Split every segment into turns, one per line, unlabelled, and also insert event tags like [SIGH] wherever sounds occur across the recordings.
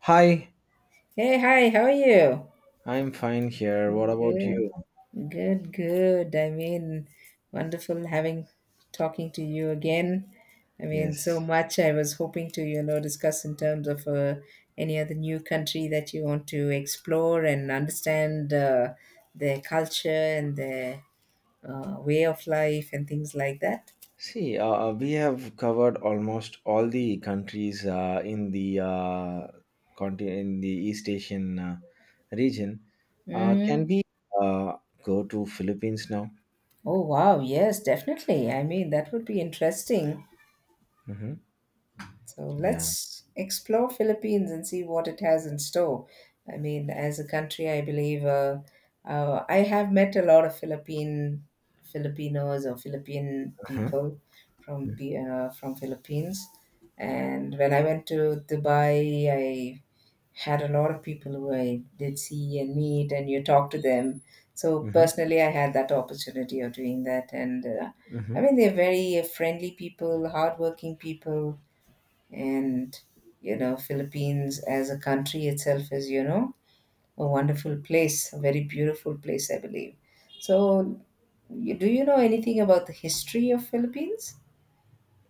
Hi,
Hey, hi, how are you?
I'm fine here. What about
Good,
you?
good, good. I mean, wonderful having talking to you again. I mean, so
Yes.
much I was hoping to, you know, discuss in terms of any other new country that you want to explore and understand their culture and their way of life and things like that.
See, we have covered almost all the countries in the continent, in the East Asian region. Can
Mm.
we uh, go to Philippines now?
Oh, wow. Yes, definitely. I mean, that would be interesting.
Mm-hmm.
So
Yeah.
let's explore Philippines and see what it has in store. I mean, as a country, I believe I have met a lot of Philippine Filipinos or Philippine
Uh-huh.
people from Philippines. And when I went to Dubai, I had a lot of people who I did see and meet, and you talk to them. So personally, I had that opportunity of doing that, and I
Mm-hmm.
mean, they're very friendly people, hardworking people and you know Philippines as a country itself is, you know, a wonderful place, a very beautiful place, I believe. So you, do you know anything about the history of Philippines?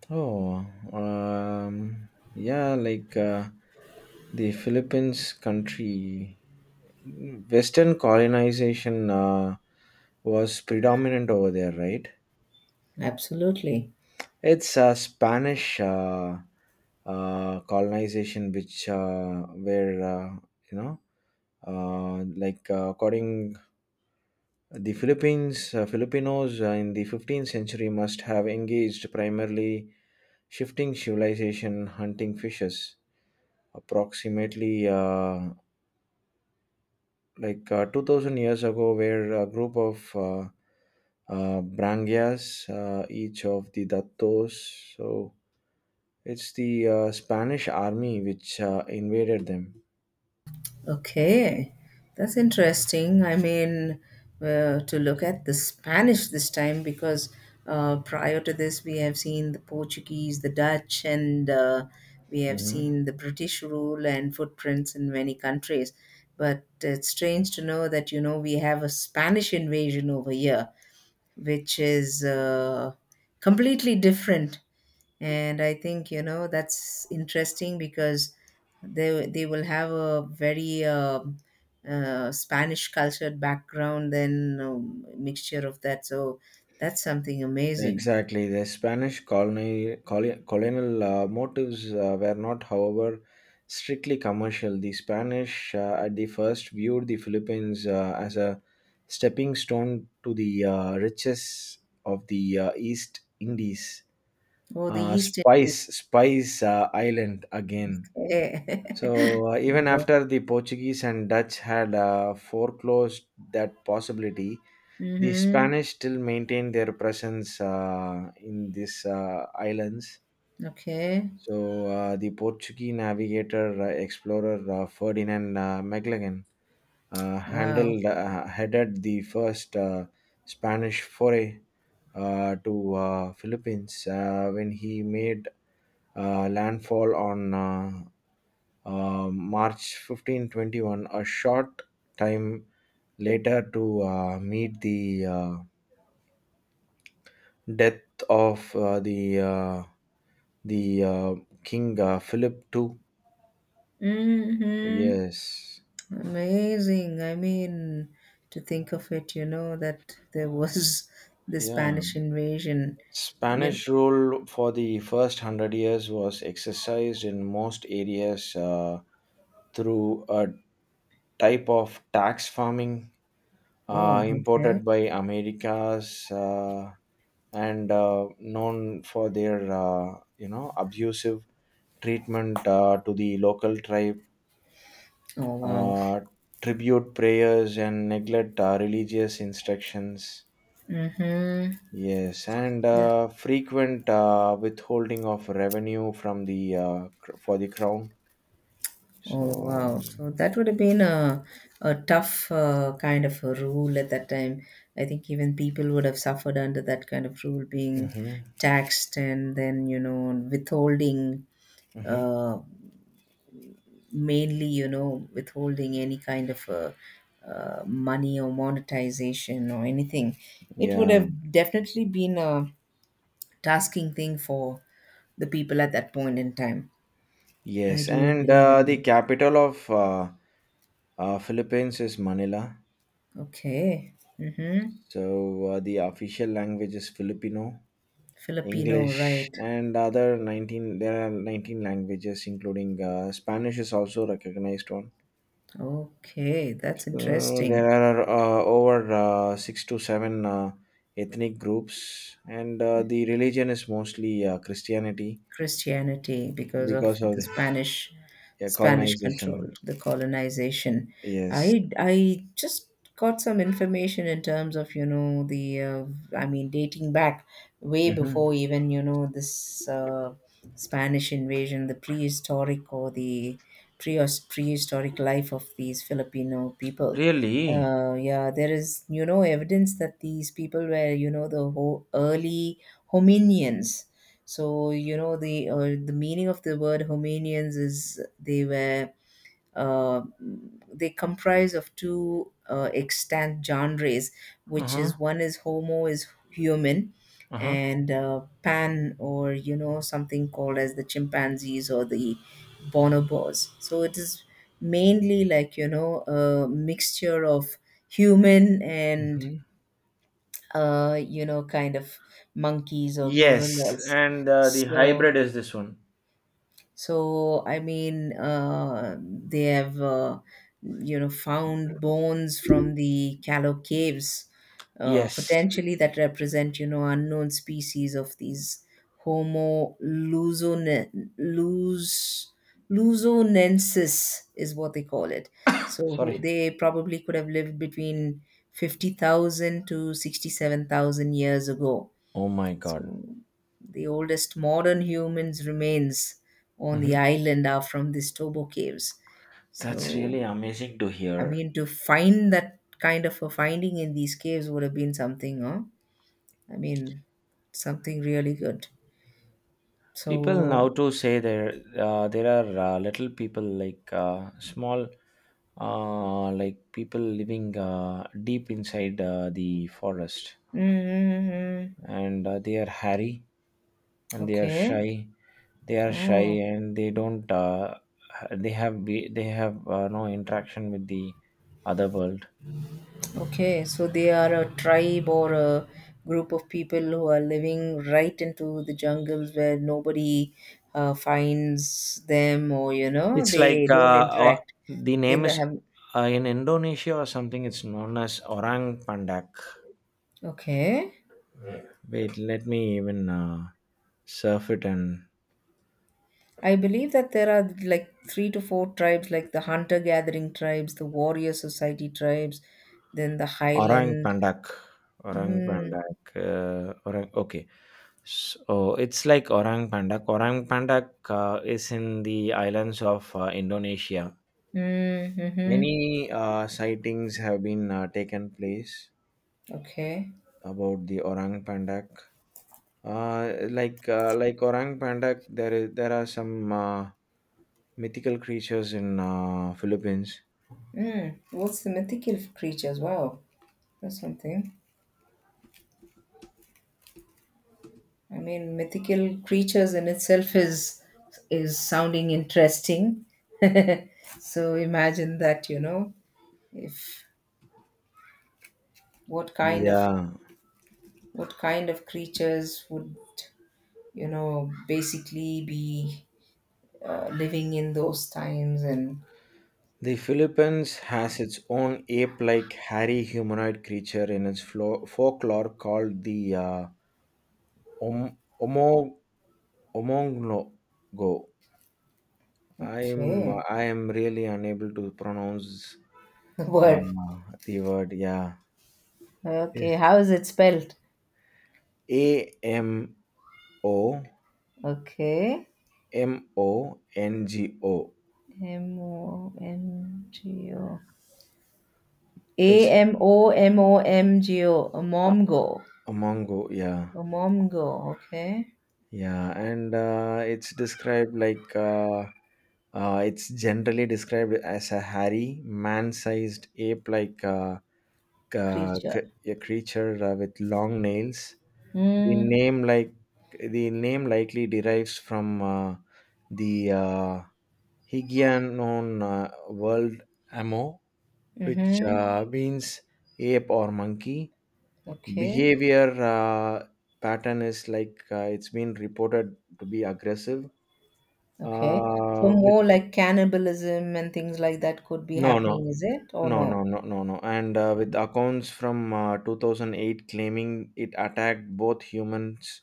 Oh, yeah, like the Philippines country, Western colonization was predominant over there, right?
Absolutely.
It's Spanish colonization, which where you know, like according the Philippines, Filipinos in the 15th century must have engaged primarily shifting civilization, hunting fishes. Approximately like 2000 years ago, where a group of brangias, each of the dattos. So it's the Spanish army which invaded them.
Okay, that's interesting. I mean, to look at the Spanish this time because prior to this, we have seen the Portuguese, the Dutch, and we have
Mhm.
seen the British rule and footprints in many countries. But it's strange to know that, you know, we have a Spanish invasion over here, which is completely different. And I think, you know, that's interesting because they will have a very Spanish cultured background, then mixture of that. So that's something amazing.
Exactly. The Spanish colony, colonial motives were not, however, strictly commercial. The Spanish, at the first, viewed the Philippines as a stepping stone to the riches of the East Indies.
Oh, the east Indian.
Spice Island again.
Okay.
So, even after
[LAUGHS]
the Portuguese and Dutch had foreclosed that possibility, the
Mm-hmm.
Spanish still maintained their presence in these islands.
Okay.
So, the Portuguese navigator explorer Ferdinand Magellan
Wow.
handled headed the first Spanish foray to Philippines when he made landfall on March 15, 21, a short time later to meet the death of the the uh, King Philip II.
Mm-hmm.
Yes.
Amazing, I mean, to think of it, you know, that there was [LAUGHS] the
Yeah.
Spanish invasion. You,
Spanish rule for the first 100 years was exercised in most areas through a type of tax farming
oh okay.
imported by Americas. And known for their you know abusive treatment to the local tribe,
Oh wow.
uh, tribute prayers and neglect religious instructions.
Mm-hmm.
Yes, and
That,
frequent withholding of revenue from the for the crown.
oh
So,
wow. So that would have been a tough kind of a rule at that time. I think even people would have suffered under that kind of rule, being
hmm
taxed and then you know withholding,
hmm
uh, mainly you know withholding any kind of money or monetization or anything. It would
yeah,
have definitely been a tasking thing for the people at that point in time. I
yes,
do
and
believe in.
the
That.
capital of Philippines is Manila.
Okay. Mm-hmm.
So the official language is Filipino.
Filipino,
English,
right.
and other 19, there are 19 languages, including Spanish is also recognized one.
Okay, that's
So
interesting.
there are over six to seven ethnic groups, and the religion is mostly Christianity
Christianity because of
because of
the
the
Spanish
[LAUGHS] yeah,
Spanish control,
colonization.
the colonization.
Yes.
I just got some information in terms of you know the I mean dating back way before
Mhm.
even you know this Spanish invasion, the prehistoric or the pre prehistoric life of these Filipino people.
Really?
Yeah, there is you know evidence that these people were you know the whole early hominians. So you know the meaning of the word Romanians is they were uh, they comprise of two extant genres, which
Uh-huh.
is one is Homo is human,
Uh-huh.
and Pan, or you know something called as the chimpanzees or the bonobos. So it is mainly like you know a mixture of human and
Mhm.
you know kind of monkeys or
Yes,
gorillas.
and the
So
hybrid is this one.
so, I mean, they have, you know, found bones from the Callow Caves,
Yes.
potentially that represent, you know, unknown species of these Homo luzone, luz, luzonensis is what they call it. So who-
Sorry.
they probably could have lived between 50,000 to 67,000 years ago.
Oh my God.
So the oldest modern humans remains on the island are from these Tobo caves.
That's
So
really amazing to
I
hear.
mean to find that kind of a finding in these caves would have been something, huh? I mean something really good.
People
So
now to say there there are little people like small like people living deep inside the forest,
mm-hmm.
and they are hairy and they are
Okay.
shy. They are shy
Oh.
and they don't. They they have no interaction with the other world.
Okay, so they are a tribe or a group of people who are living right into the jungles where nobody finds them, or you know,
It's
they
like
don't
uh,
interact.
the
They
name
don't
is
have.
in Indonesia or something. It's known as orang pandak.
Okay,
Wait, let me even surf it and
I believe that there are like 3 to 4 tribes, like the hunter-gathering tribes, the warrior society tribes, then the
orang
highland.
pandak. Orang
Mm,
pandak. Orang. Okay. So it's like orang pandak. Orang pandak is in the islands of Indonesia.
mm, mm-hmm.
Many sightings have been taken place
Okay.
about the orang pandak. Like orang pandak, there are some mythical creatures in Philippines.
Mm. What's the mythical creatures? Wow, that's something. I mean, mythical creatures in itself is sounding interesting. [LAUGHS] So imagine that, you know, if what kind of
Yeah,
what kind of creatures would you know basically be living in those times and
the Philippines has its own ape like hairy humanoid creature in its folklore called the Om- Omo- Omonglogo.
okay
I am really unable to pronounce
[LAUGHS] the
uh,
word
the word, yeah.
okay, how is it spelled?
A M O
Okay.
M O N G O.
M o m g o, a
It's
m o m o m g o, a
uh,
momgo.
a mongo, yeah,
A mom go, okay.
yeah, and it's described like it's generally described as a hairy, man sized ape like
Creature.
a creature with long nails. The
Mm,
name, like, the name likely derives from the Hygienon world amo, which
mm-hmm.
means ape or monkey.
Okay,
Behavior pattern is like it's been reported to be aggressive.
okay. So
With
more like cannibalism and things like that could be
no, no,
happening, is it? Or
no, no,
no?
no, no, no. And with accounts from 2008 claiming it attacked both humans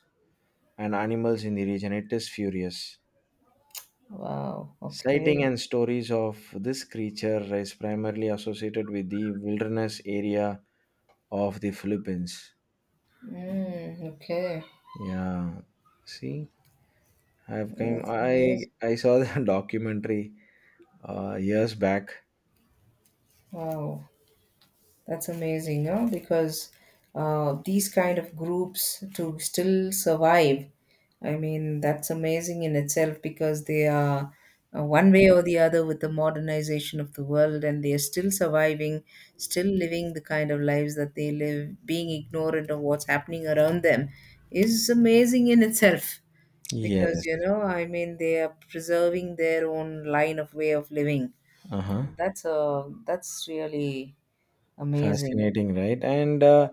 and animals in the region, it is furious.
Wow,
Sighting
okay.
and stories of this creature is primarily associated with the wilderness area of the Philippines.
Mm, okay.
Yeah, see, I've came.
That's
I
amazing.
I saw the [LAUGHS] documentary years back.
Wow. That's amazing, no? Because these kind of groups to still survive, I mean, that's amazing in itself because they are one way or the other with the modernization of the world, and they are still surviving, still living the kind of lives that they live, being ignorant of what's happening around them is amazing in itself because, you
Yes.
know, I mean, they are preserving their own line of way of living.
Uh huh.
That's really amazing.
Fascinating, right? And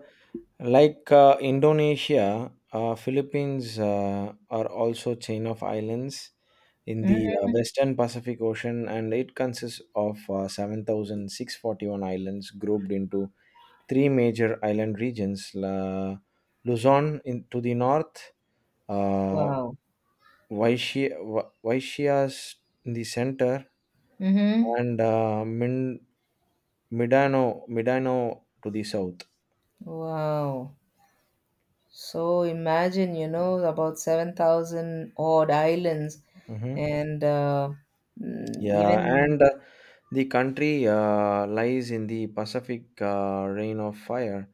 like Indonesia, Philippines are also chain of islands in the
Mhm.
Western Pacific Ocean, and it consists of 7,641 islands grouped into three major island regions: La Luzon in, to the north, uh,
Wow.
Vaishyas in the center,
Mm-hmm.
and Mindanao to the south.
Wow. So imagine, you know, about 7,000 odd islands
Mhm.
and mm,
Yeah,
even
and the country lies in the Pacific Rain of Fire,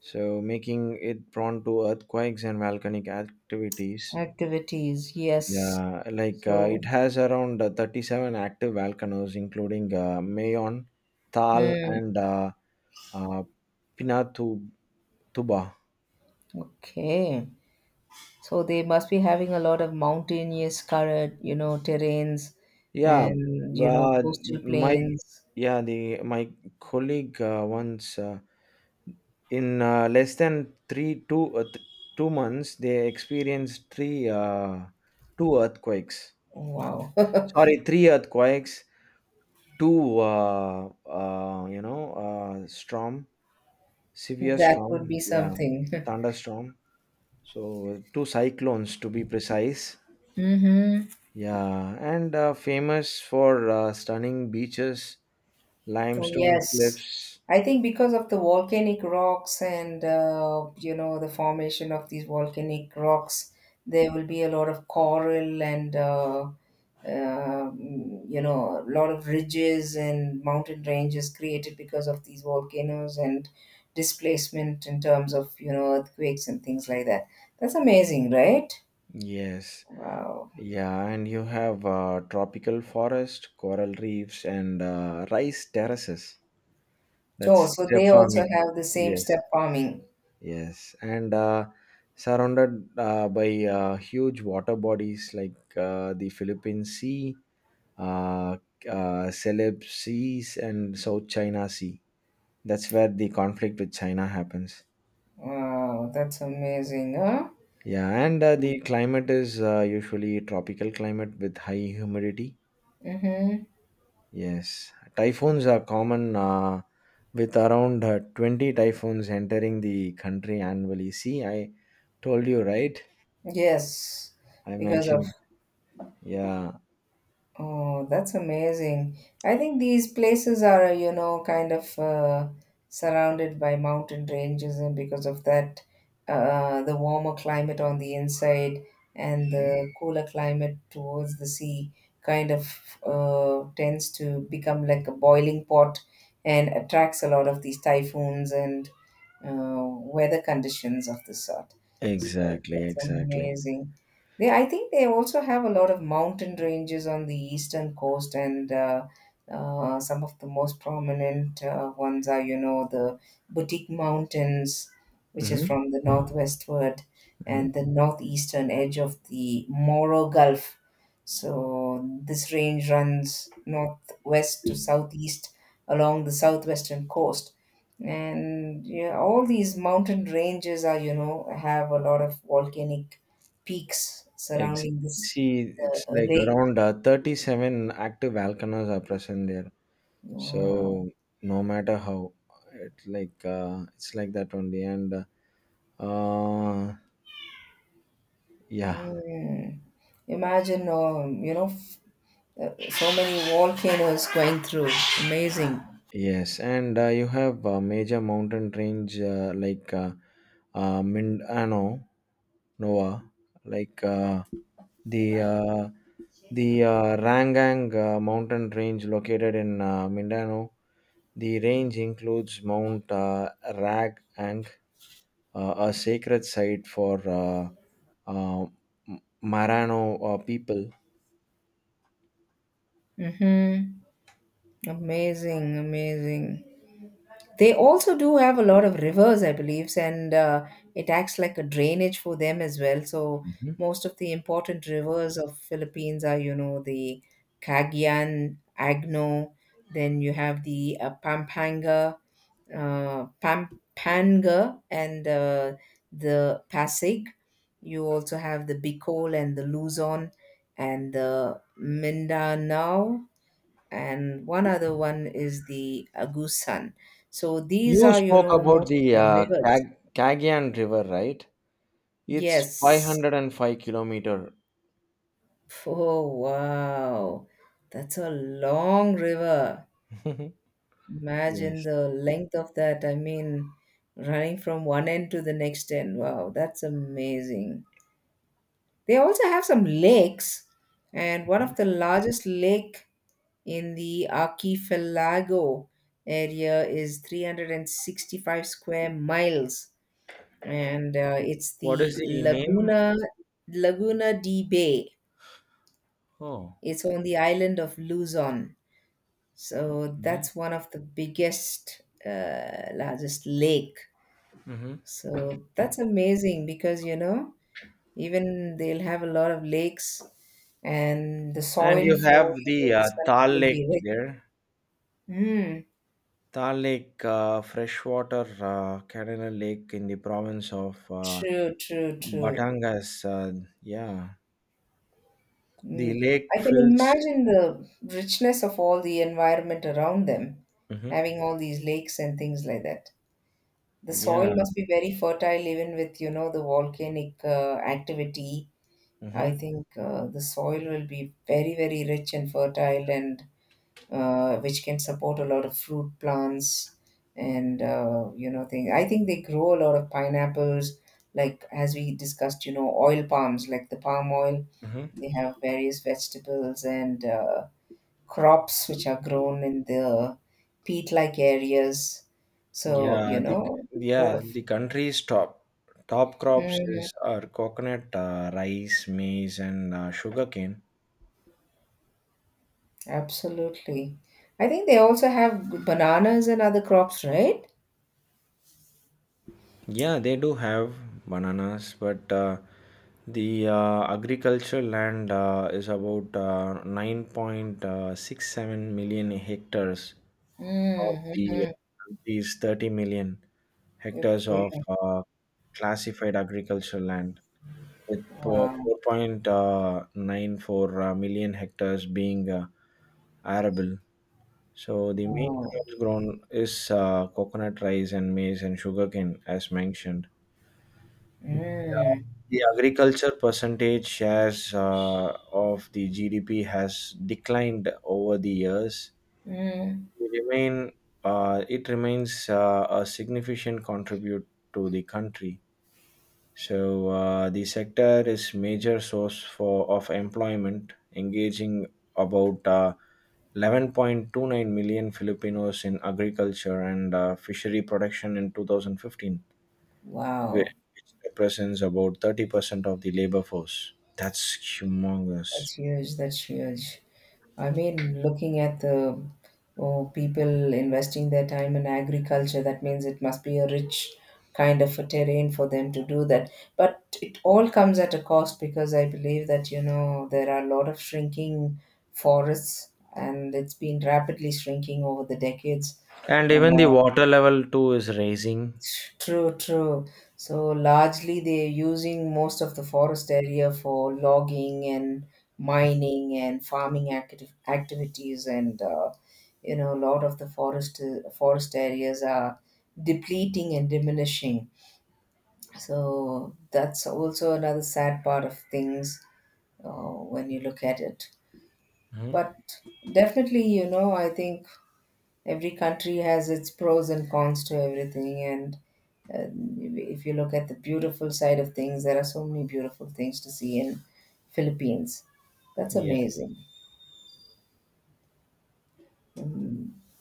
so making it prone to earthquakes and volcanic activities.
activities. Yes.
Yeah, like
So,
it has around 37 active volcanoes, including Mayon, Tal,
mm,
and uh, Pinatubo.
okay. So they must be having a lot of mountainous current, you know, terrains
Yeah,
and, you know,
uh,
coastal
my
plains.
yeah, the my colleague once. In less than three two 2 months, they experienced three two earthquakes.
Wow. [LAUGHS]
Sorry, three earthquakes, two storm severe
That would be
storm, yeah,
something. [LAUGHS]
thunderstorm. So two cyclones to be precise.
Mm-hmm.
Yeah, and famous for stunning beaches,
Oh,
limestone
yes.
cliffs.
I think because of the volcanic rocks and you know the formation of these volcanic rocks, there will be a lot of coral and you know a lot of ridges and mountain ranges created because of these volcanoes and displacement in terms of you know earthquakes and things like that. That's amazing, right?
Yes.
Wow.
Yeah, and you have tropical forest, coral reefs, and rice terraces. That's
Oh, so
step
they also
farming.
have the same
Yes,
step farming.
yes, and surrounded by huge water bodies like the Philippine Sea, uh, Celeb Seas, and South China Sea. That's where the conflict with China happens.
Wow, that's amazing, huh?
Yeah, and the climate is usually tropical climate with high humidity.
Mm-hmm.
Yes, typhoons are common with around 20 typhoons entering the country annually. See, I told you, right?
Yes,
I
because of
mentioned. Yeah.
oh, that's amazing. I think these places are, you know, kind of surrounded by mountain ranges, and because of that, the warmer climate on the inside and
Mhm.
the cooler climate towards the sea kind of tends to become like a boiling pot and attracts a lot of these typhoons and weather conditions of the sort. So
Exactly,
that's
exactly.
amazing. They, I think they also have a lot of mountain ranges on the eastern coast, and some of the most prominent ones are, you know, the Boutique Mountains, which is
Hmm
from the northwestward,
hmm.
and the northeastern edge of the Moro Gulf. So this range runs northwest to southeast along the southwestern coast and yeah, all these mountain ranges are you know have a lot of volcanic peaks
Exactly.
surrounding this
See, it's like
lake.
around 37 active volcanoes are present there.
Wow.
So no matter how, it's like that only. And uh, yeah.
Mm. Imagine you know so many volcanoes going through. Amazing.
Yes, and you have major mountain range like Mindano, Nova, like the uh, the Rangang mountain range located in Mindano. The range includes Mount Ragang, a sacred site for uh, Marano people.
Mm-hmm. Amazing, amazing. They also do have a lot of rivers, I believe, and it acts like a drainage for them as well. So
Mhm.
most of the important rivers of Philippines are, you know, the Cagayan, Agno. Then you have the Pampanga, and the Pasig. You also have the Bicol and the Luzon and the Mindanao and one other one is the Agusan. So these
You
are, you
spoke
know,
about
most of
the
the rivers.
Kagian River, right? It's
Yes.
505 kilometer.
Oh, wow. That's a long river.
[LAUGHS]
Imagine
Yes.
the length of that. I mean, running from one end to the next end. Wow, that's amazing. They also have some lakes, and one of the largest lake in the archipelago area is 365 square miles, and it's
What is
the
the name?
Laguna de Bay.
Oh,
It's on the island of Luzon. So
okay.
that's one of the biggest, largest lake.
Hmm.
So that's amazing because, you know, even they'll have a lot of lakes, and the
And
soil
you
for
have
you know
the
this country
Thal
will be
Lake
rich.
there.
Mm,
Thal Lake, freshwater Canada Lake in the province of
true, true, true.
Batangas. Yeah. The
Mm.
lake
I can
fills.
imagine the richness of all the environment around them,
Hmm.
having all these lakes and things like that. The soil
Yeah.
must be very fertile, even with you know the volcanic activity.
Hmm
I think the soil will be very, very rich and fertile, and which can support a lot of fruit plants and you know things. I think they grow a lot of pineapples, like as we discussed, you know, oil palms, like the palm oil.
hmm.
They have various vegetables and crops which are grown in the peat-like areas. So
Yeah.
you
The
know, a lot
yeah
of
the country's top crops
mhm,
is are coconut, rice, maize, and sugarcane.
absolutely. I think they also have bananas and other crops, right?
Yeah, they do have bananas, but the agricultural land is about 9.67 million hectares of the
Mm-hmm.
country's 30 million hectares of
Okay.
classified agricultural land, with
Wow.
4.94 million hectares being arable. So the main
Wow.
crops grown is coconut rice and maize and sugarcane, as mentioned.
Mm,
The agriculture percentage shares of the GDP has declined over the years.
mm.
They remain, it remains a significant contribute to the country. So the sector is major source for of employment, engaging about 11.29 million Filipinos in agriculture and fishery production in 2015, whi-
Wow,
which represents about 30% of the labor force. That's humongous.
that's huge. That's huge. I mean, looking at the oh, people investing their time in agriculture, that means it must be a rich kind of a terrain for them to do that. But it all comes at a cost because I believe that, you know, there are a lot of shrinking forests and it's been rapidly shrinking over the decades.
And
Uh,
even the water level too is rising.
True, true. So largely they're using most of the forest area for logging and mining and farming active activities, and you know a lot of the forest areas are depleting and diminishing. So that's also another sad part of things when you look at it.
Mhm.
But definitely, you know, I think every country has its pros and cons to everything and uh, if you look at the beautiful side of things, there are so many beautiful things to see in Philippines. That's
Yeah,
amazing.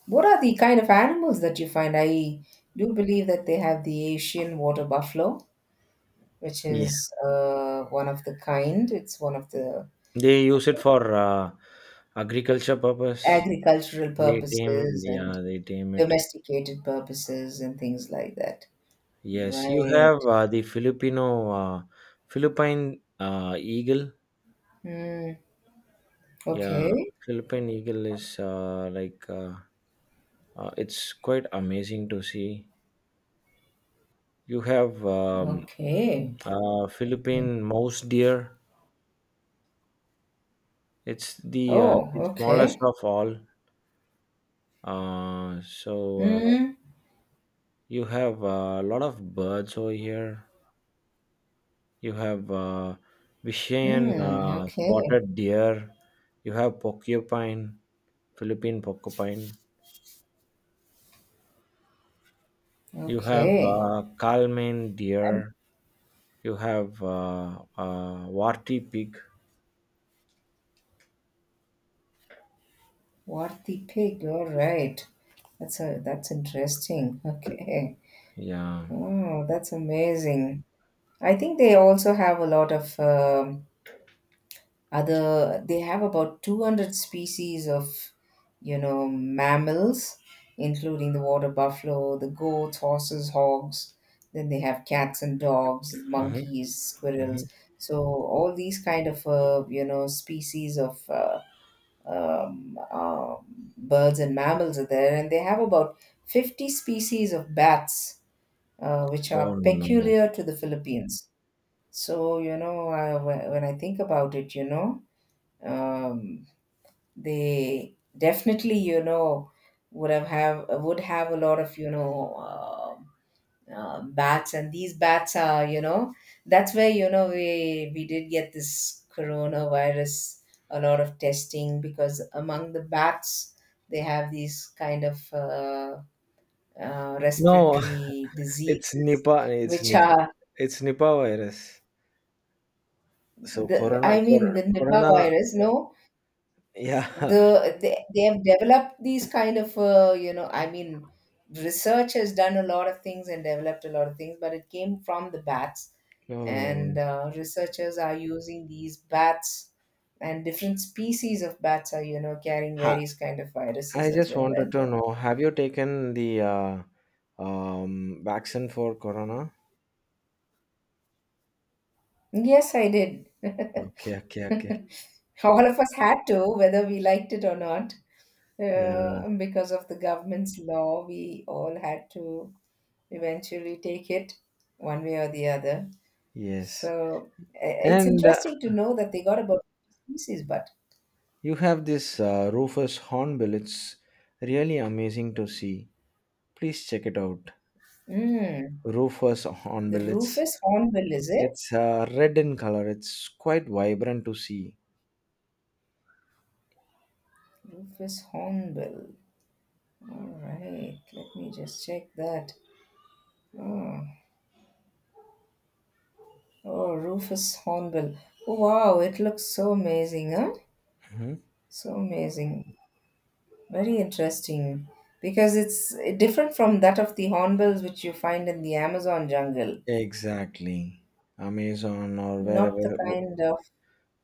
What are the kind of animals that you find? I do believe that they have the Asian water buffalo, which
yeah.
is one of the kind. It's one of the
They use it for agriculture purpose.
agricultural
They tame,
purposes and
yeah, they tame it.
domesticated purposes and things like that.
Yes, you
Right.
have the Philippine eagle. Yeah,
Okay.
Philippine eagle is like it's quite amazing to see. You have
Okay.
Philippine mouse deer. It's
Oh,
the smallest
okay.
of all. Uh, so uh,
Mm,
you have a lot of birds over here. You have Vishayan
mm, okay.
spotted deer. You have porcupine, Philippine porcupine. You have
Okay.
Kalman deer. You have warty pig.
What the pig? All right. That's a that's interesting. [LAUGHS] Okay.
Yeah.
Oh, that's amazing. I think they also have a lot of other, they have about 200 species of, you know, mammals, including the water buffalo, the goats, horses, hogs, then they have cats and dogs,
Hmm
monkeys,
hmm.
squirrels. So all these kind of you know, species of um, uh, birds and mammals are there, and they have about 50 species of bats, which
Oh
are
no.
peculiar to the Philippines. So you know, when I think about it, you know, um, they definitely, you know, would have a lot of, you know, bats, and these bats are, you know, that's where, you know, we did get this coronavirus. A lot of testing, because among the bats they have these kind of
No,
respiratory
it's
diseases,
Nipah. It's
which
Nipah.
are,
It's Nipah virus. So
the I
Corona,
mean,
Corona,
the Nipah
Corona.
virus, no.
Yeah. [LAUGHS]
They have developed these kind of, you know, I mean, research has done a lot of things and developed a lot of things, but it came from the bats. And
No.
researchers are using these bats, and different species of bats are, you know, carrying
Ha,
various kind of viruses
I
as
just
well,
wanted
and
to know. Have you taken the vaccine for Corona?
yes, I did. [LAUGHS]
Okay. Okay. Okay.
All of us had to, whether we liked it or not.
Yeah.
Because of the government's law, we all had to eventually take it one way or the other. So
Yes.
it's
And
interesting to know that they got about 50 species, but
you have this Rufus Hornbill. It's really amazing to see. Please check it out.
mm,
Rufus
the
Hornbill. It's
Rufus hornbill, is it?
it's uh, red in color. It's quite vibrant to see.
Rufus hornbill. All right, let me just check that. Oh, Rufus hornbill. Oh, wow, it looks so amazing, huh?
Mhm.
So amazing. Very interesting, because it's different from that of the hornbills which you find in the Amazon jungle,
Exactly. Amazon or
not the
wherever
kind of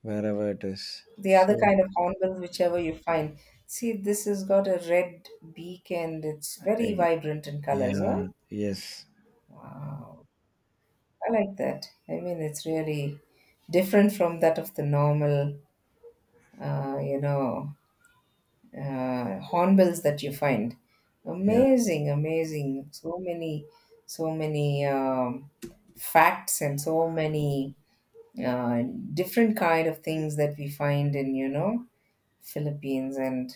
wherever it is.
the other
So
kind of hornbills whichever you find. See, this has got a red beak and it's very
eg-
vibrant in colors.
yeah,
Huh?
yes,
Wow, I like that. I mean, it's really different from that of the normal, you know, hornbills that you find.
yeah.
Amazing, amazing. So many, so many facts and so many uh, different kind of things that we find in, you know, Philippines, and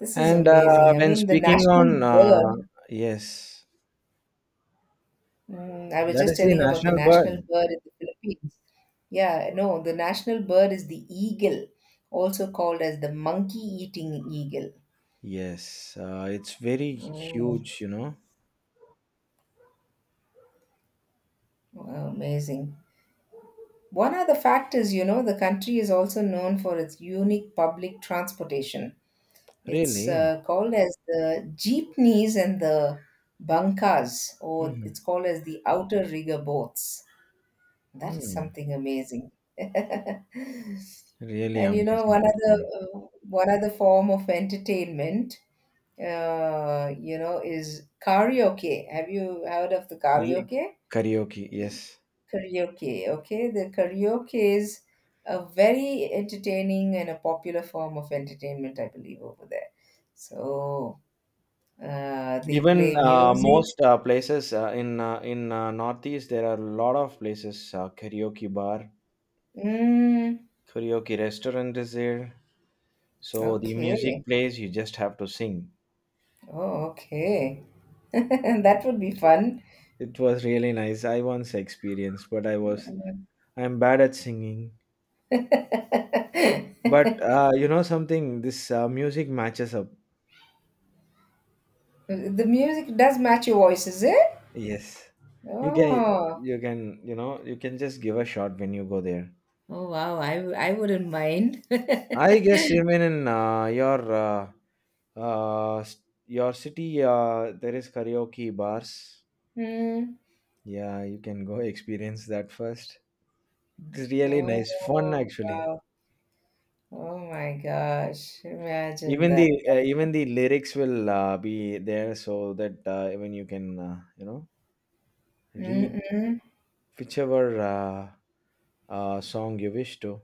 this is
And
amazing. I
when
mean, the
speaking
national
on
bird.
yes,
Mm, I was
that
just
is the
telling about the
national
national
bird.
bird in the Philippines. Yeah, no, the national bird is the eagle, also called as the monkey-eating eagle.
Yes, it's very
Oh,
huge. You know,
amazing. One other fact is, you know, the country is also known for its unique public transportation. It's
really.
called as the jeepneys and the bankas, or it's
Hmm
called as the outer rigger boats. That is
hmm.
something amazing. [LAUGHS]
Really
And you know,
amazing to hear.
one other form of entertainment, you know, is karaoke. Have you heard of the
Ye-
karaoke?
karaoke, yes.
Karaoke, okay? The karaoke is a very entertaining and a popular form of entertainment, I believe, over there. So they
Even
play music.
most places in Northeast, there are a lot of places
Mm,
karaoke restaurant is there. So the
okay.
music plays, you just have to sing.
Oh, okay. [LAUGHS] That would be fun.
It was really nice. I once experienced, but I'm bad at singing. But you know something, this music matches up.
The music does match your voice, is it?
Yes, you can
Oh,
you can you can just give a shot when you go there.
oh wow. I wouldn't mind.
I guess even in your your city, there is karaoke bars.
Mm.
Yeah, you can go [LAUGHS] experience that first. It's really nice, fun
Oh,
actually.
wow. Oh my gosh. Imagine that.
Even the lyrics will be there so that even you can read
Mm-mm.
whichever song you wish to.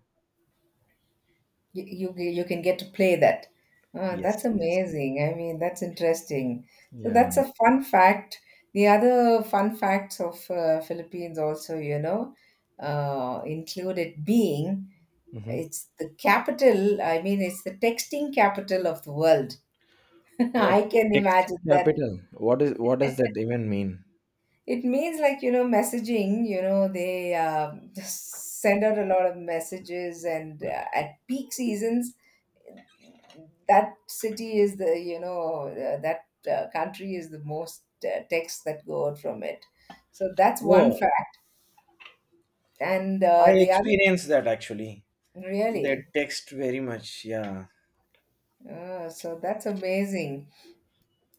You can get to play that. Ah,
Yes,
that's
yes,
amazing. I mean, that's interesting. So
yeah.
that's a fun fact. The other fun facts of Philippines also, you know, include it being
Hmm.
it's the capital. I mean, it's the texting capital of the world. [LAUGHS]
What
I can imagine
texting
that.
capital? What does that even mean?
It means, like, you know, messaging. You know, they [LAUGHS] just send out a lot of messages, and at peak seasons that city is the, you know, that country is the most texts that go out from it, so that's one
Oh,
fact. And
I
the other,
experienced that actually. They
really,
text very much. Yeah.
so that's amazing.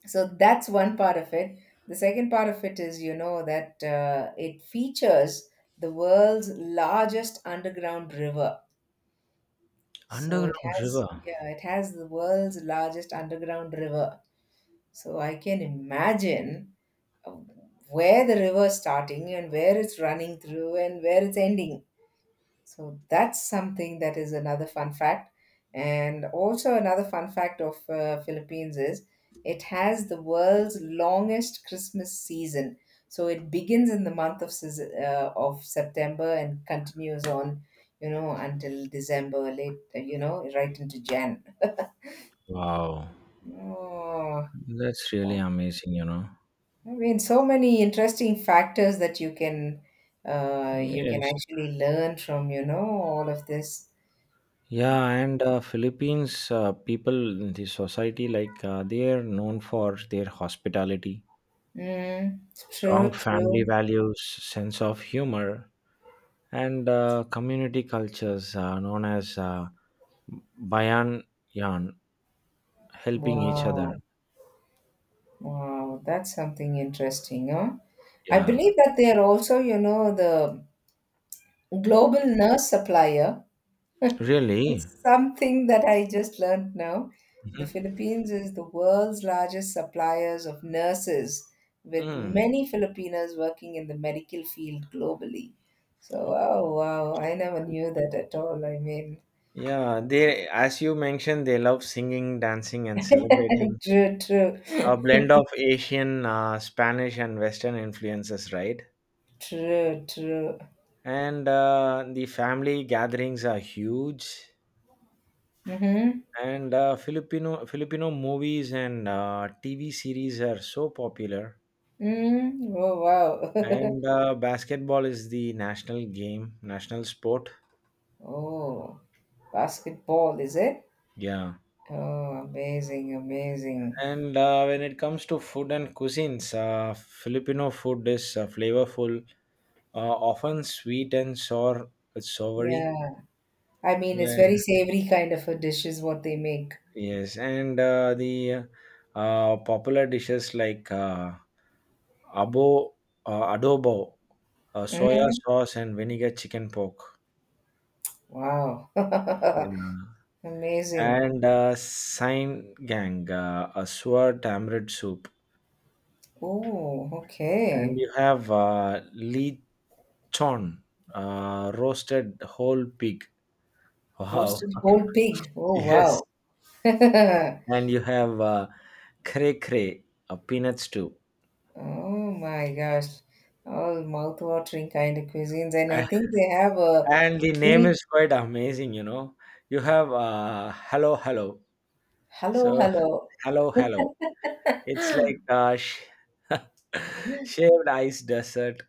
So that's one part of it. The second part of it is, you know, that it features the world's largest underground river. So it
Underground
has,
river.
yeah, it has the world's largest underground river. So I can imagine where the river's starting and where it's running through and where it's ending. So that's something that is another fun fact. And also another fun fact of Philippines is it has the world's longest Christmas season. So it begins in the month of of September and continues on, you know, until December, late, you know, right into Jan.
Wow,
Oh,
that's really amazing.
I mean, so many interesting factors that you can
Yes.
actually learn from, you know, all of this.
Yeah, and Philippines people in the society, like they are known for their hospitality,
Mm,
strong
true,
family
true.
values, sense of humor, and community cultures, known as bayan yan, helping each other.
Wow, wow, that's something interesting, huh? I
Yeah,
believe that they are also, you know, the global nurse supplier.
really.
It's something that I just learned now. The
Mhm.
Philippines is the world's largest suppliers of nurses, with
Mm.
many Filipinas working in the medical field globally. So, oh wow, I never knew that at all. I mean,
Yeah, they, as you mentioned, they love singing, dancing, and
[LAUGHS]
celebrating.
true, true,
A blend of Asian, Spanish, and Western influences, right?
true, true.
And the family gatherings are huge,
Mm-hmm.
and Filipino movies and tv series are so popular,
Mm-hmm. Oh wow. [LAUGHS]
and basketball is the national game, national sport.
Oh, basketball, is it?
Yeah.
Oh, amazing, amazing.
And when it comes to food and cuisines, Filipino food is flavorful, often sweet and sour, soury.
Yeah. I mean, it's
Yeah.
very savory kind of a dish is what they make.
Yes, and the popular dishes like abo, adobo, soya sauce and vinegar chicken pork.
Wow. [LAUGHS]
Yeah.
Amazing.
And Sain Gang, a sour tamarind soup.
Oh,
And
okay.
you have lechon, roasted whole pig. Wow.
Roasted
[LAUGHS]
whole pig. Oh,
Yes.
wow. [LAUGHS]
And you have cray cray, a peanut stew.
Oh my gosh. All mouth-watering kind of cuisines. And
[LAUGHS] A-
I think they have a
And the name
unique.
is quite amazing, you know. You have hello, hello.
Hello,
So
hello.
hello, hello. It's like shaved ice desert.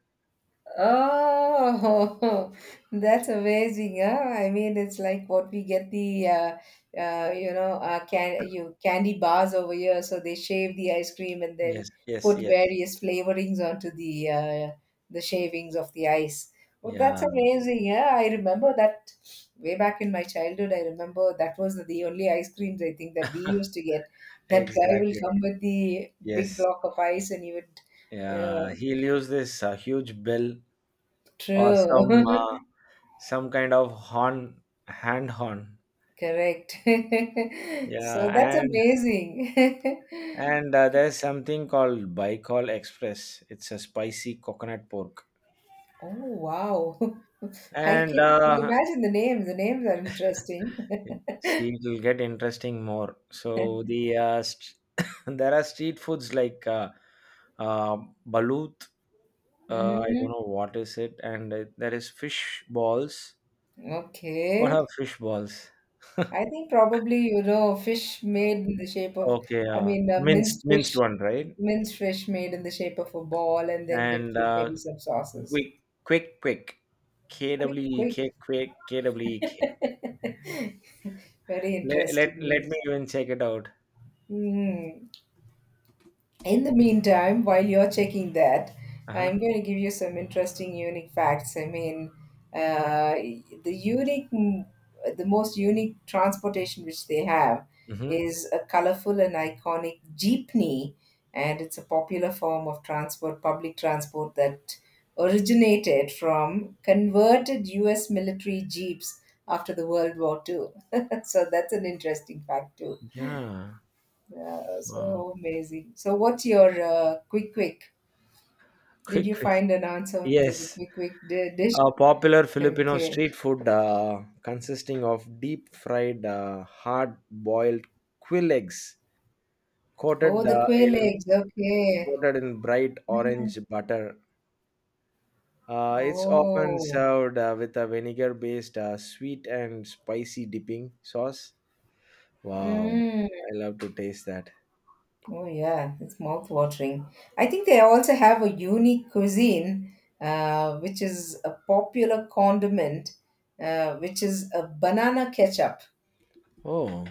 Oh, [LAUGHS] that's amazing. Huh? I mean, it's like what we get, the, you know, can you candy bars over here. So they shave the ice cream and then
Yes, yes,
put
yes.
various flavorings onto the shavings of the ice. Well, that's
Yeah,
amazing. Yeah, I remember that way back in my childhood. I remember that was the only ice creams I think that we used to get. That guy will
exactly.
come with the big
Yes.
block of ice and he would, uh,
Yeah, he'll use this huge bell or some
true. [LAUGHS]
uh, some kind of horn, hand horn.
Correct. [LAUGHS] So
Yeah,
that's
and
amazing. [LAUGHS]
and uh, there's something called Baikal Express. It's a spicy coconut pork.
Oh, wow. [LAUGHS] I
And
can imagine the names. The names are interesting.
see, it will get interesting more. So [COUGHS] there are street foods like uh, balut. I don't
Mm,
know what is it, and there is fish balls. What are
okay.
fish balls?
I
[LAUGHS]
think probably, you know, fish made in the shape of,
Okay,
I mean,
minced minced one, right?
minced fish made in the shape of a ball and then dipped
And
with maybe some sauces.
quick, quick, quick. K
Quick,
W E
quick.
K, quick, kwek.
Very
Let,
interesting
let let
names.
me even check it out.
Mm. In the meantime, while you're checking that,
Uh huh.
I'm going to give you some interesting unique facts. I mean, uh, the unique, the most unique transportation which they have
Mm-hmm.
is a colorful and iconic jeepney, and it's a popular form of transport, public transport that originated from converted U.S. military jeeps after the World War II. [LAUGHS] So that's an interesting fact too.
Yeah.
Yeah,
Wow.
so amazing. So, what's your quick quick? Did
Quick,
you
quick.
find an answer to the
Yes.
quick quick dish?
A popular Filipino
Okay.
street food, consisting of deep fried, hard boiled quill eggs, coated
Oh, the
uh,
quail
in
eggs. Okay.
coated in bright orange butter. It's often
Oh.
served with a vinegar based, sweet and spicy dipping sauce. Wow,
Mm.
I love to taste that.
Oh, yeah. It's mouth watering. I think they also have a unique cuisine, which is a popular condiment, which is a banana ketchup. [LAUGHS]
Oh,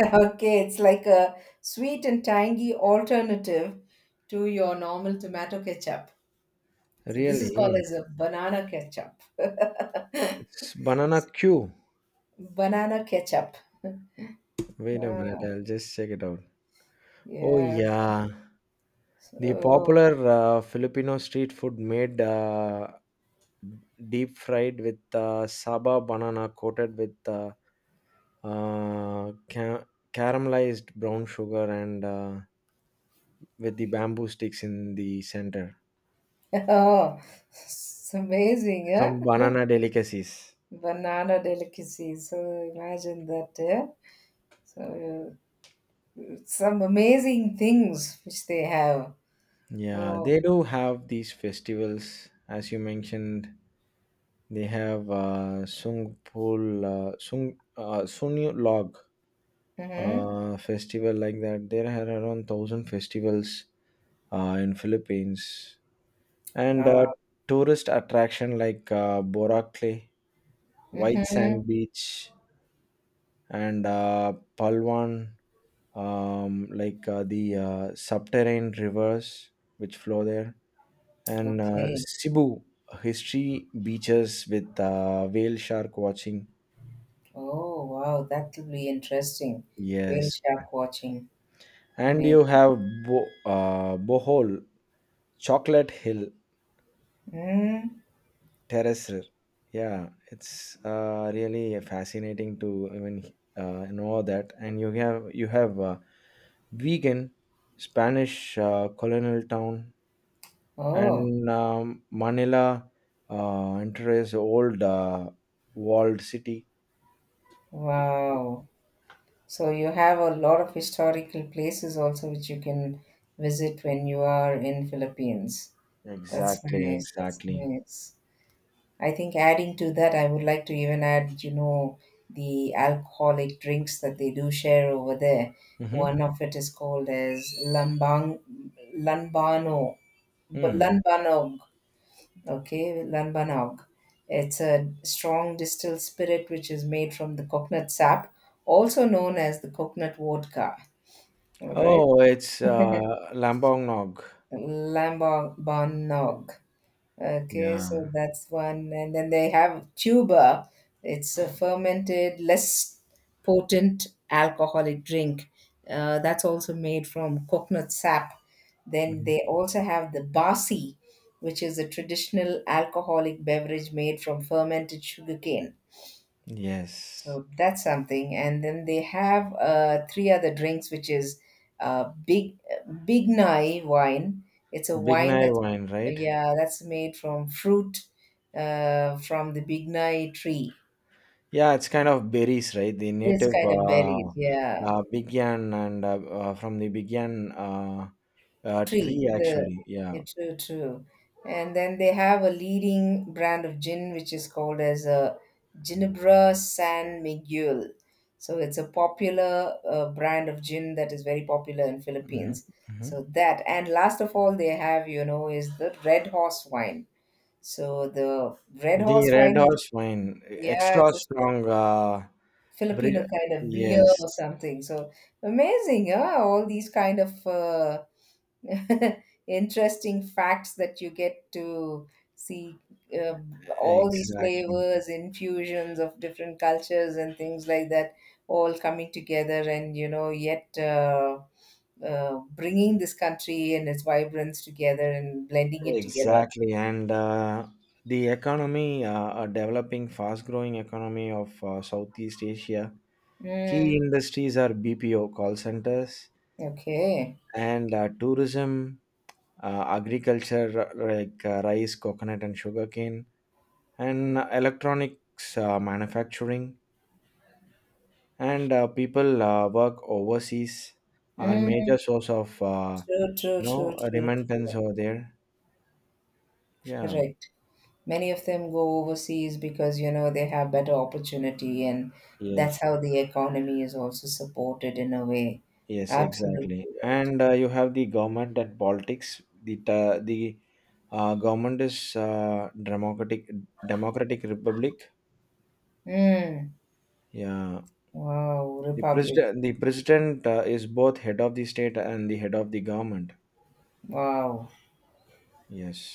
Okay, it's like a sweet and tangy alternative to your normal tomato ketchup. So this is called
really?
as a banana ketchup.
It's banana Q.
Banana ketchup.
Wait a minute,
Ah,
I'll just check it out. Oh,
yes.
yeah. The
Oh.
popular, Filipino street food made deep fried with saba banana coated with uh, ca- caramelized brown sugar, and with the bamboo sticks in the center,
[LAUGHS] Oh, it's amazing, yeah.
some banana delicacies.
Banana delicacy. So imagine that, yeah. So some amazing things which they have.
Yeah,
Oh.
they do have these festivals, as you mentioned. They have sung Pul, sung Sunyu log,
Mm-hmm.
festival like that. There are around 1000 festivals in Philippines, and
Oh.
tourist attraction like Boracay white
Mm-hmm.
sand beach, and Palwan, like the subterranean rivers which flow there, and
Okay.
Cebu history beaches with whale shark watching.
Oh, wow. That will be interesting. Whale
Yes,
shark watching.
and
Amazing.
you have Bohol Chocolate Hill
Mm.
Terrace. Yeah, it's really fascinating to even know that. And you have vegan Spanish, colonial town,
Oh,
and Manila enters old walled city.
wow. So you have a lot of historical places also which you can visit when you are in Philippines. That's
Exactly,
nice. That's
exactly.
nice. I think adding to that, I would like to even add, you know, the alcoholic drinks that they do share over there.
Mm-hmm.
One of it is called as lambang, lambano, but
Mm.
lambano. Okay, Lanbanaug. It's a strong distilled spirit which is made from the coconut sap, also known as the coconut vodka. All right.
Oh, it's Lambongnog.
Lambanaug. Okay, so
Yeah.
that's one. And then they have tuba. It's a fermented, less potent alcoholic drink. That's also made from coconut sap. Then
Mhm.
they also have the basi, which is a traditional alcoholic beverage made from fermented sugarcane.
Yes.
So that's something. And then they have three other drinks, which is big big nai wine. It's a wine
Bignai
that's
wine, right?
yeah, that's made from fruit from the big nai tree.
Yeah, it's kind of berries, right? The
This
native,
kind of berries, yeah.
Bigyan, and from the Bigyan,
Tree.
tree,
The
actually. Yeah.
yeah, true, true. And then they have a leading brand of gin, which is called as a Ginebra San Miguel. So it's a popular brand of gin that is very popular in
Hmm.
Philippines.
Hmm.
So that, and last of all, they have, you know, is the Red Horse wine. So the Red
The
Horse
red
wine is
horse wine,
yeah,
extra
it's a
strong.
Filipino
Bri-
kind of beer
Yes,
or something. So amazing, yeah, all these kind of. [LAUGHS] Interesting facts that you get to see, uh, all these
exactly,
flavors, infusions of different cultures and things like that, all coming together, and you know yet bringing this country and its vibrance together and blending it together.
exactly. And the economy, a developing, fast-growing economy of Southeast Asia. Key
Mm,
industries are BPO call centers
okay.
and tourism, agriculture, like rice, coconut, and sugarcane, and electronics manufacturing. And people work overseas are
Mm,
major source of
true, true, true, true,
remittance
true.
over there. Yeah.
Correct. Many of them go overseas because you know they have better opportunity, and that's
Yes.
how the economy is also supported in a way.
Yes,
Absolutely
exactly.
right.
And you have the government and politics. The government is democratic republic.
Mm.
Yeah,
Wow,
the
Republic.
president the president is both head of the state and the head of the government.
Wow.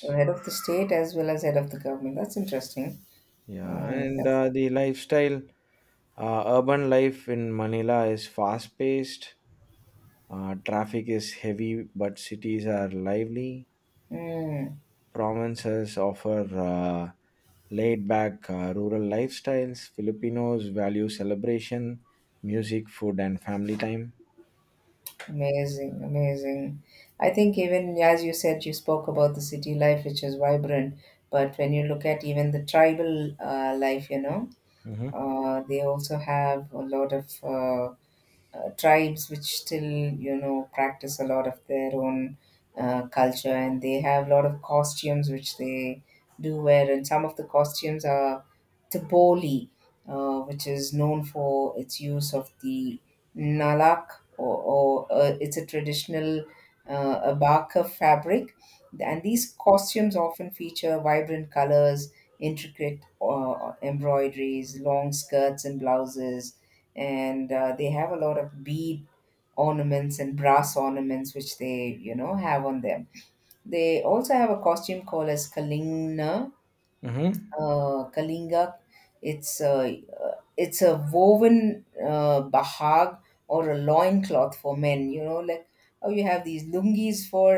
Well, head of the state as well as head of the government. That's interesting.
Yeah,
Wow,
and
that's,
the lifestyle, urban life in Manila is fast paced. Traffic is heavy, but cities are lively.
mm,
Provinces offer uh, laid back, rural lifestyles. Filipinos value celebration, music, food, and family time.
amazing, amazing. I think even as you said, you spoke about the city life, which is vibrant. But when you look at even the tribal life, you know,
Hmm.
They also have a lot of tribes which still you know practice a lot of their own culture, and they have a lot of costumes which they do wear, and some of the costumes are Tipoli, which is known for its use of the nalak, or it's a traditional abaka fabric, and these costumes often feature vibrant colors, intricate embroideries, long skirts and blouses. And they have a lot of bead ornaments and brass ornaments which they you know have on them. They also have a costume called as kalinga.
Hmm.
Kalinga, it's a it's a woven bahag, or a loincloth for men, you know, like, oh, you have these lungis for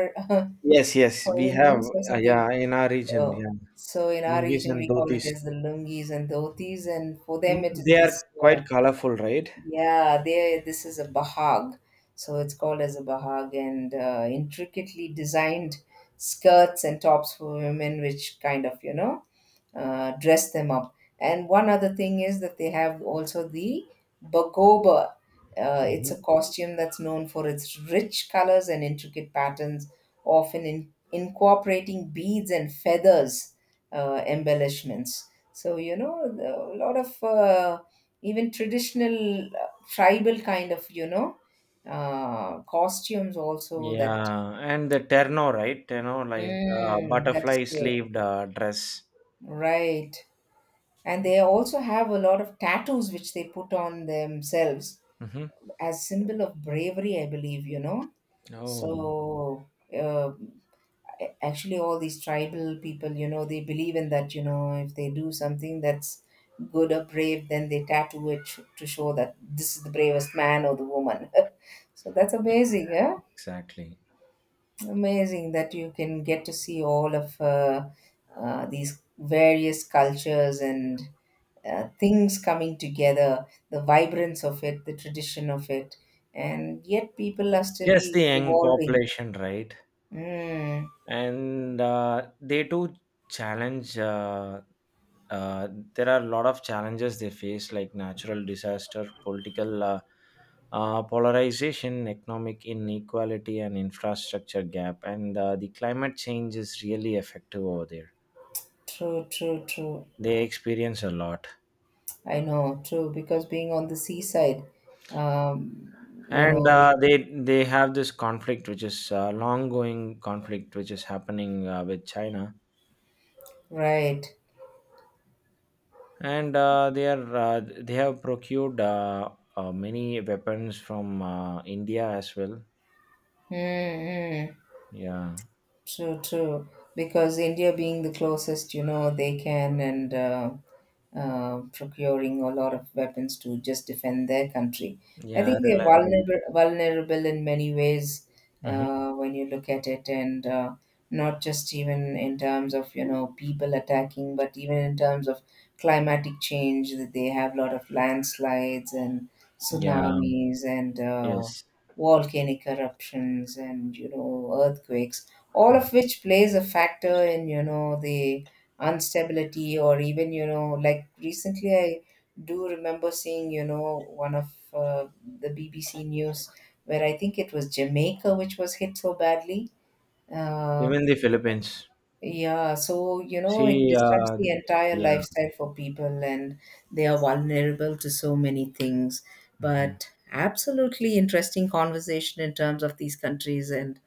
Yes,
[LAUGHS]
yes,
for
we have,
indians or something.
yeah, in our
So
region, yeah,
so in our
lungis
region
and
we call it
dhotis.
as the lungis and dhotis, and for them
Mm,
it is
they
this,
are quite colorful, right?
yeah, there. This is a bahag, so it's called as a bahag, and intricately designed skirts and tops for women, which kind of you know dress them up. And one other thing is that they have also the bagoba. It's
Mhm.
a costume that's known for its rich colors and intricate patterns, often incorporating beads and feathers, embellishments. So, you know, a lot of even traditional tribal kind of, you know, costumes also that,
Yeah, and the terno, right? Terno, like
mm, that is
butterfly
true.
sleeved, dress.
Right. And they also have a lot of tattoos which they put on themselves
Hmm.
as symbol of bravery, I believe, you know.
Oh,
So uh, actually all these tribal people, you know, they believe in that, you know, if they do something that's good or brave, then they tattoo it to show that this is the bravest man or the woman. [LAUGHS] So that's amazing, yeah.
exactly. Exactly.
Amazing that you can get to see all of these various cultures and things coming together, the vibrance of it, the tradition of it, and yet people are
It's just
still
the young
evolving.
population, right?
Mm,
And they do challenge uh, there are a lot of challenges they face, like natural disaster, political polarization, economic inequality, and infrastructure gap. And the climate change is really effective over there.
true, true, true.
They experience a lot.
I know, true, because being on the seaside, um, you
And
know,
they have this conflict, which is long going conflict, which is happening with China.
right.
And they have procured many weapons from India as well.
Mm-hmm.
Yeah,
True, true. Because India being the closest, you know, they can, and procuring a lot of weapons to just defend their country. I
yeah,
think they're
reliable.
vulnerable, vulnerable in many ways,
Hmm.
when you look at it, and not just even in terms of you know people attacking, but even in terms of climatic change. That they have a lot of landslides and
Yeah,
tsunamis and,
yes,
volcanic eruptions and you know earthquakes, all of which plays a factor in you know the instability. Or even you know like recently I do remember seeing you know one of uh, the BBC news where I think it was jamaica which was hit so badly. uh,
even the Philippines.
yeah, so you know it
See,
disrupts the entire
yeah.
lifestyle for people, and they are vulnerable to so many things.
Mhm.
But absolutely interesting conversation in terms of these countries. And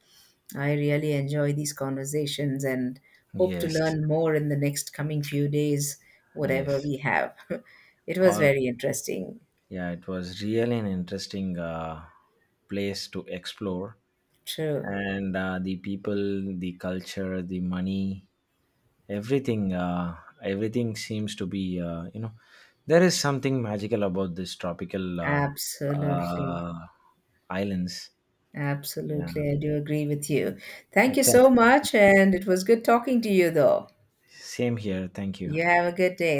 I really enjoy these conversations and hope to
Yes,
learn more in the next coming few days, whatever
yes.
we have. [LAUGHS] It was
All
very interesting.
Yeah, it was really an interesting place to explore,
True.
and the people, the culture, the money. everything uh, everything seems to be there is something magical about this tropical,
Absolutely.
uh, islands. Yeah.
Absolutely. I do agree with you. Thank you
But thank-
so much. And it was good talking to you, though.
Same here, thank you.
You have a good day.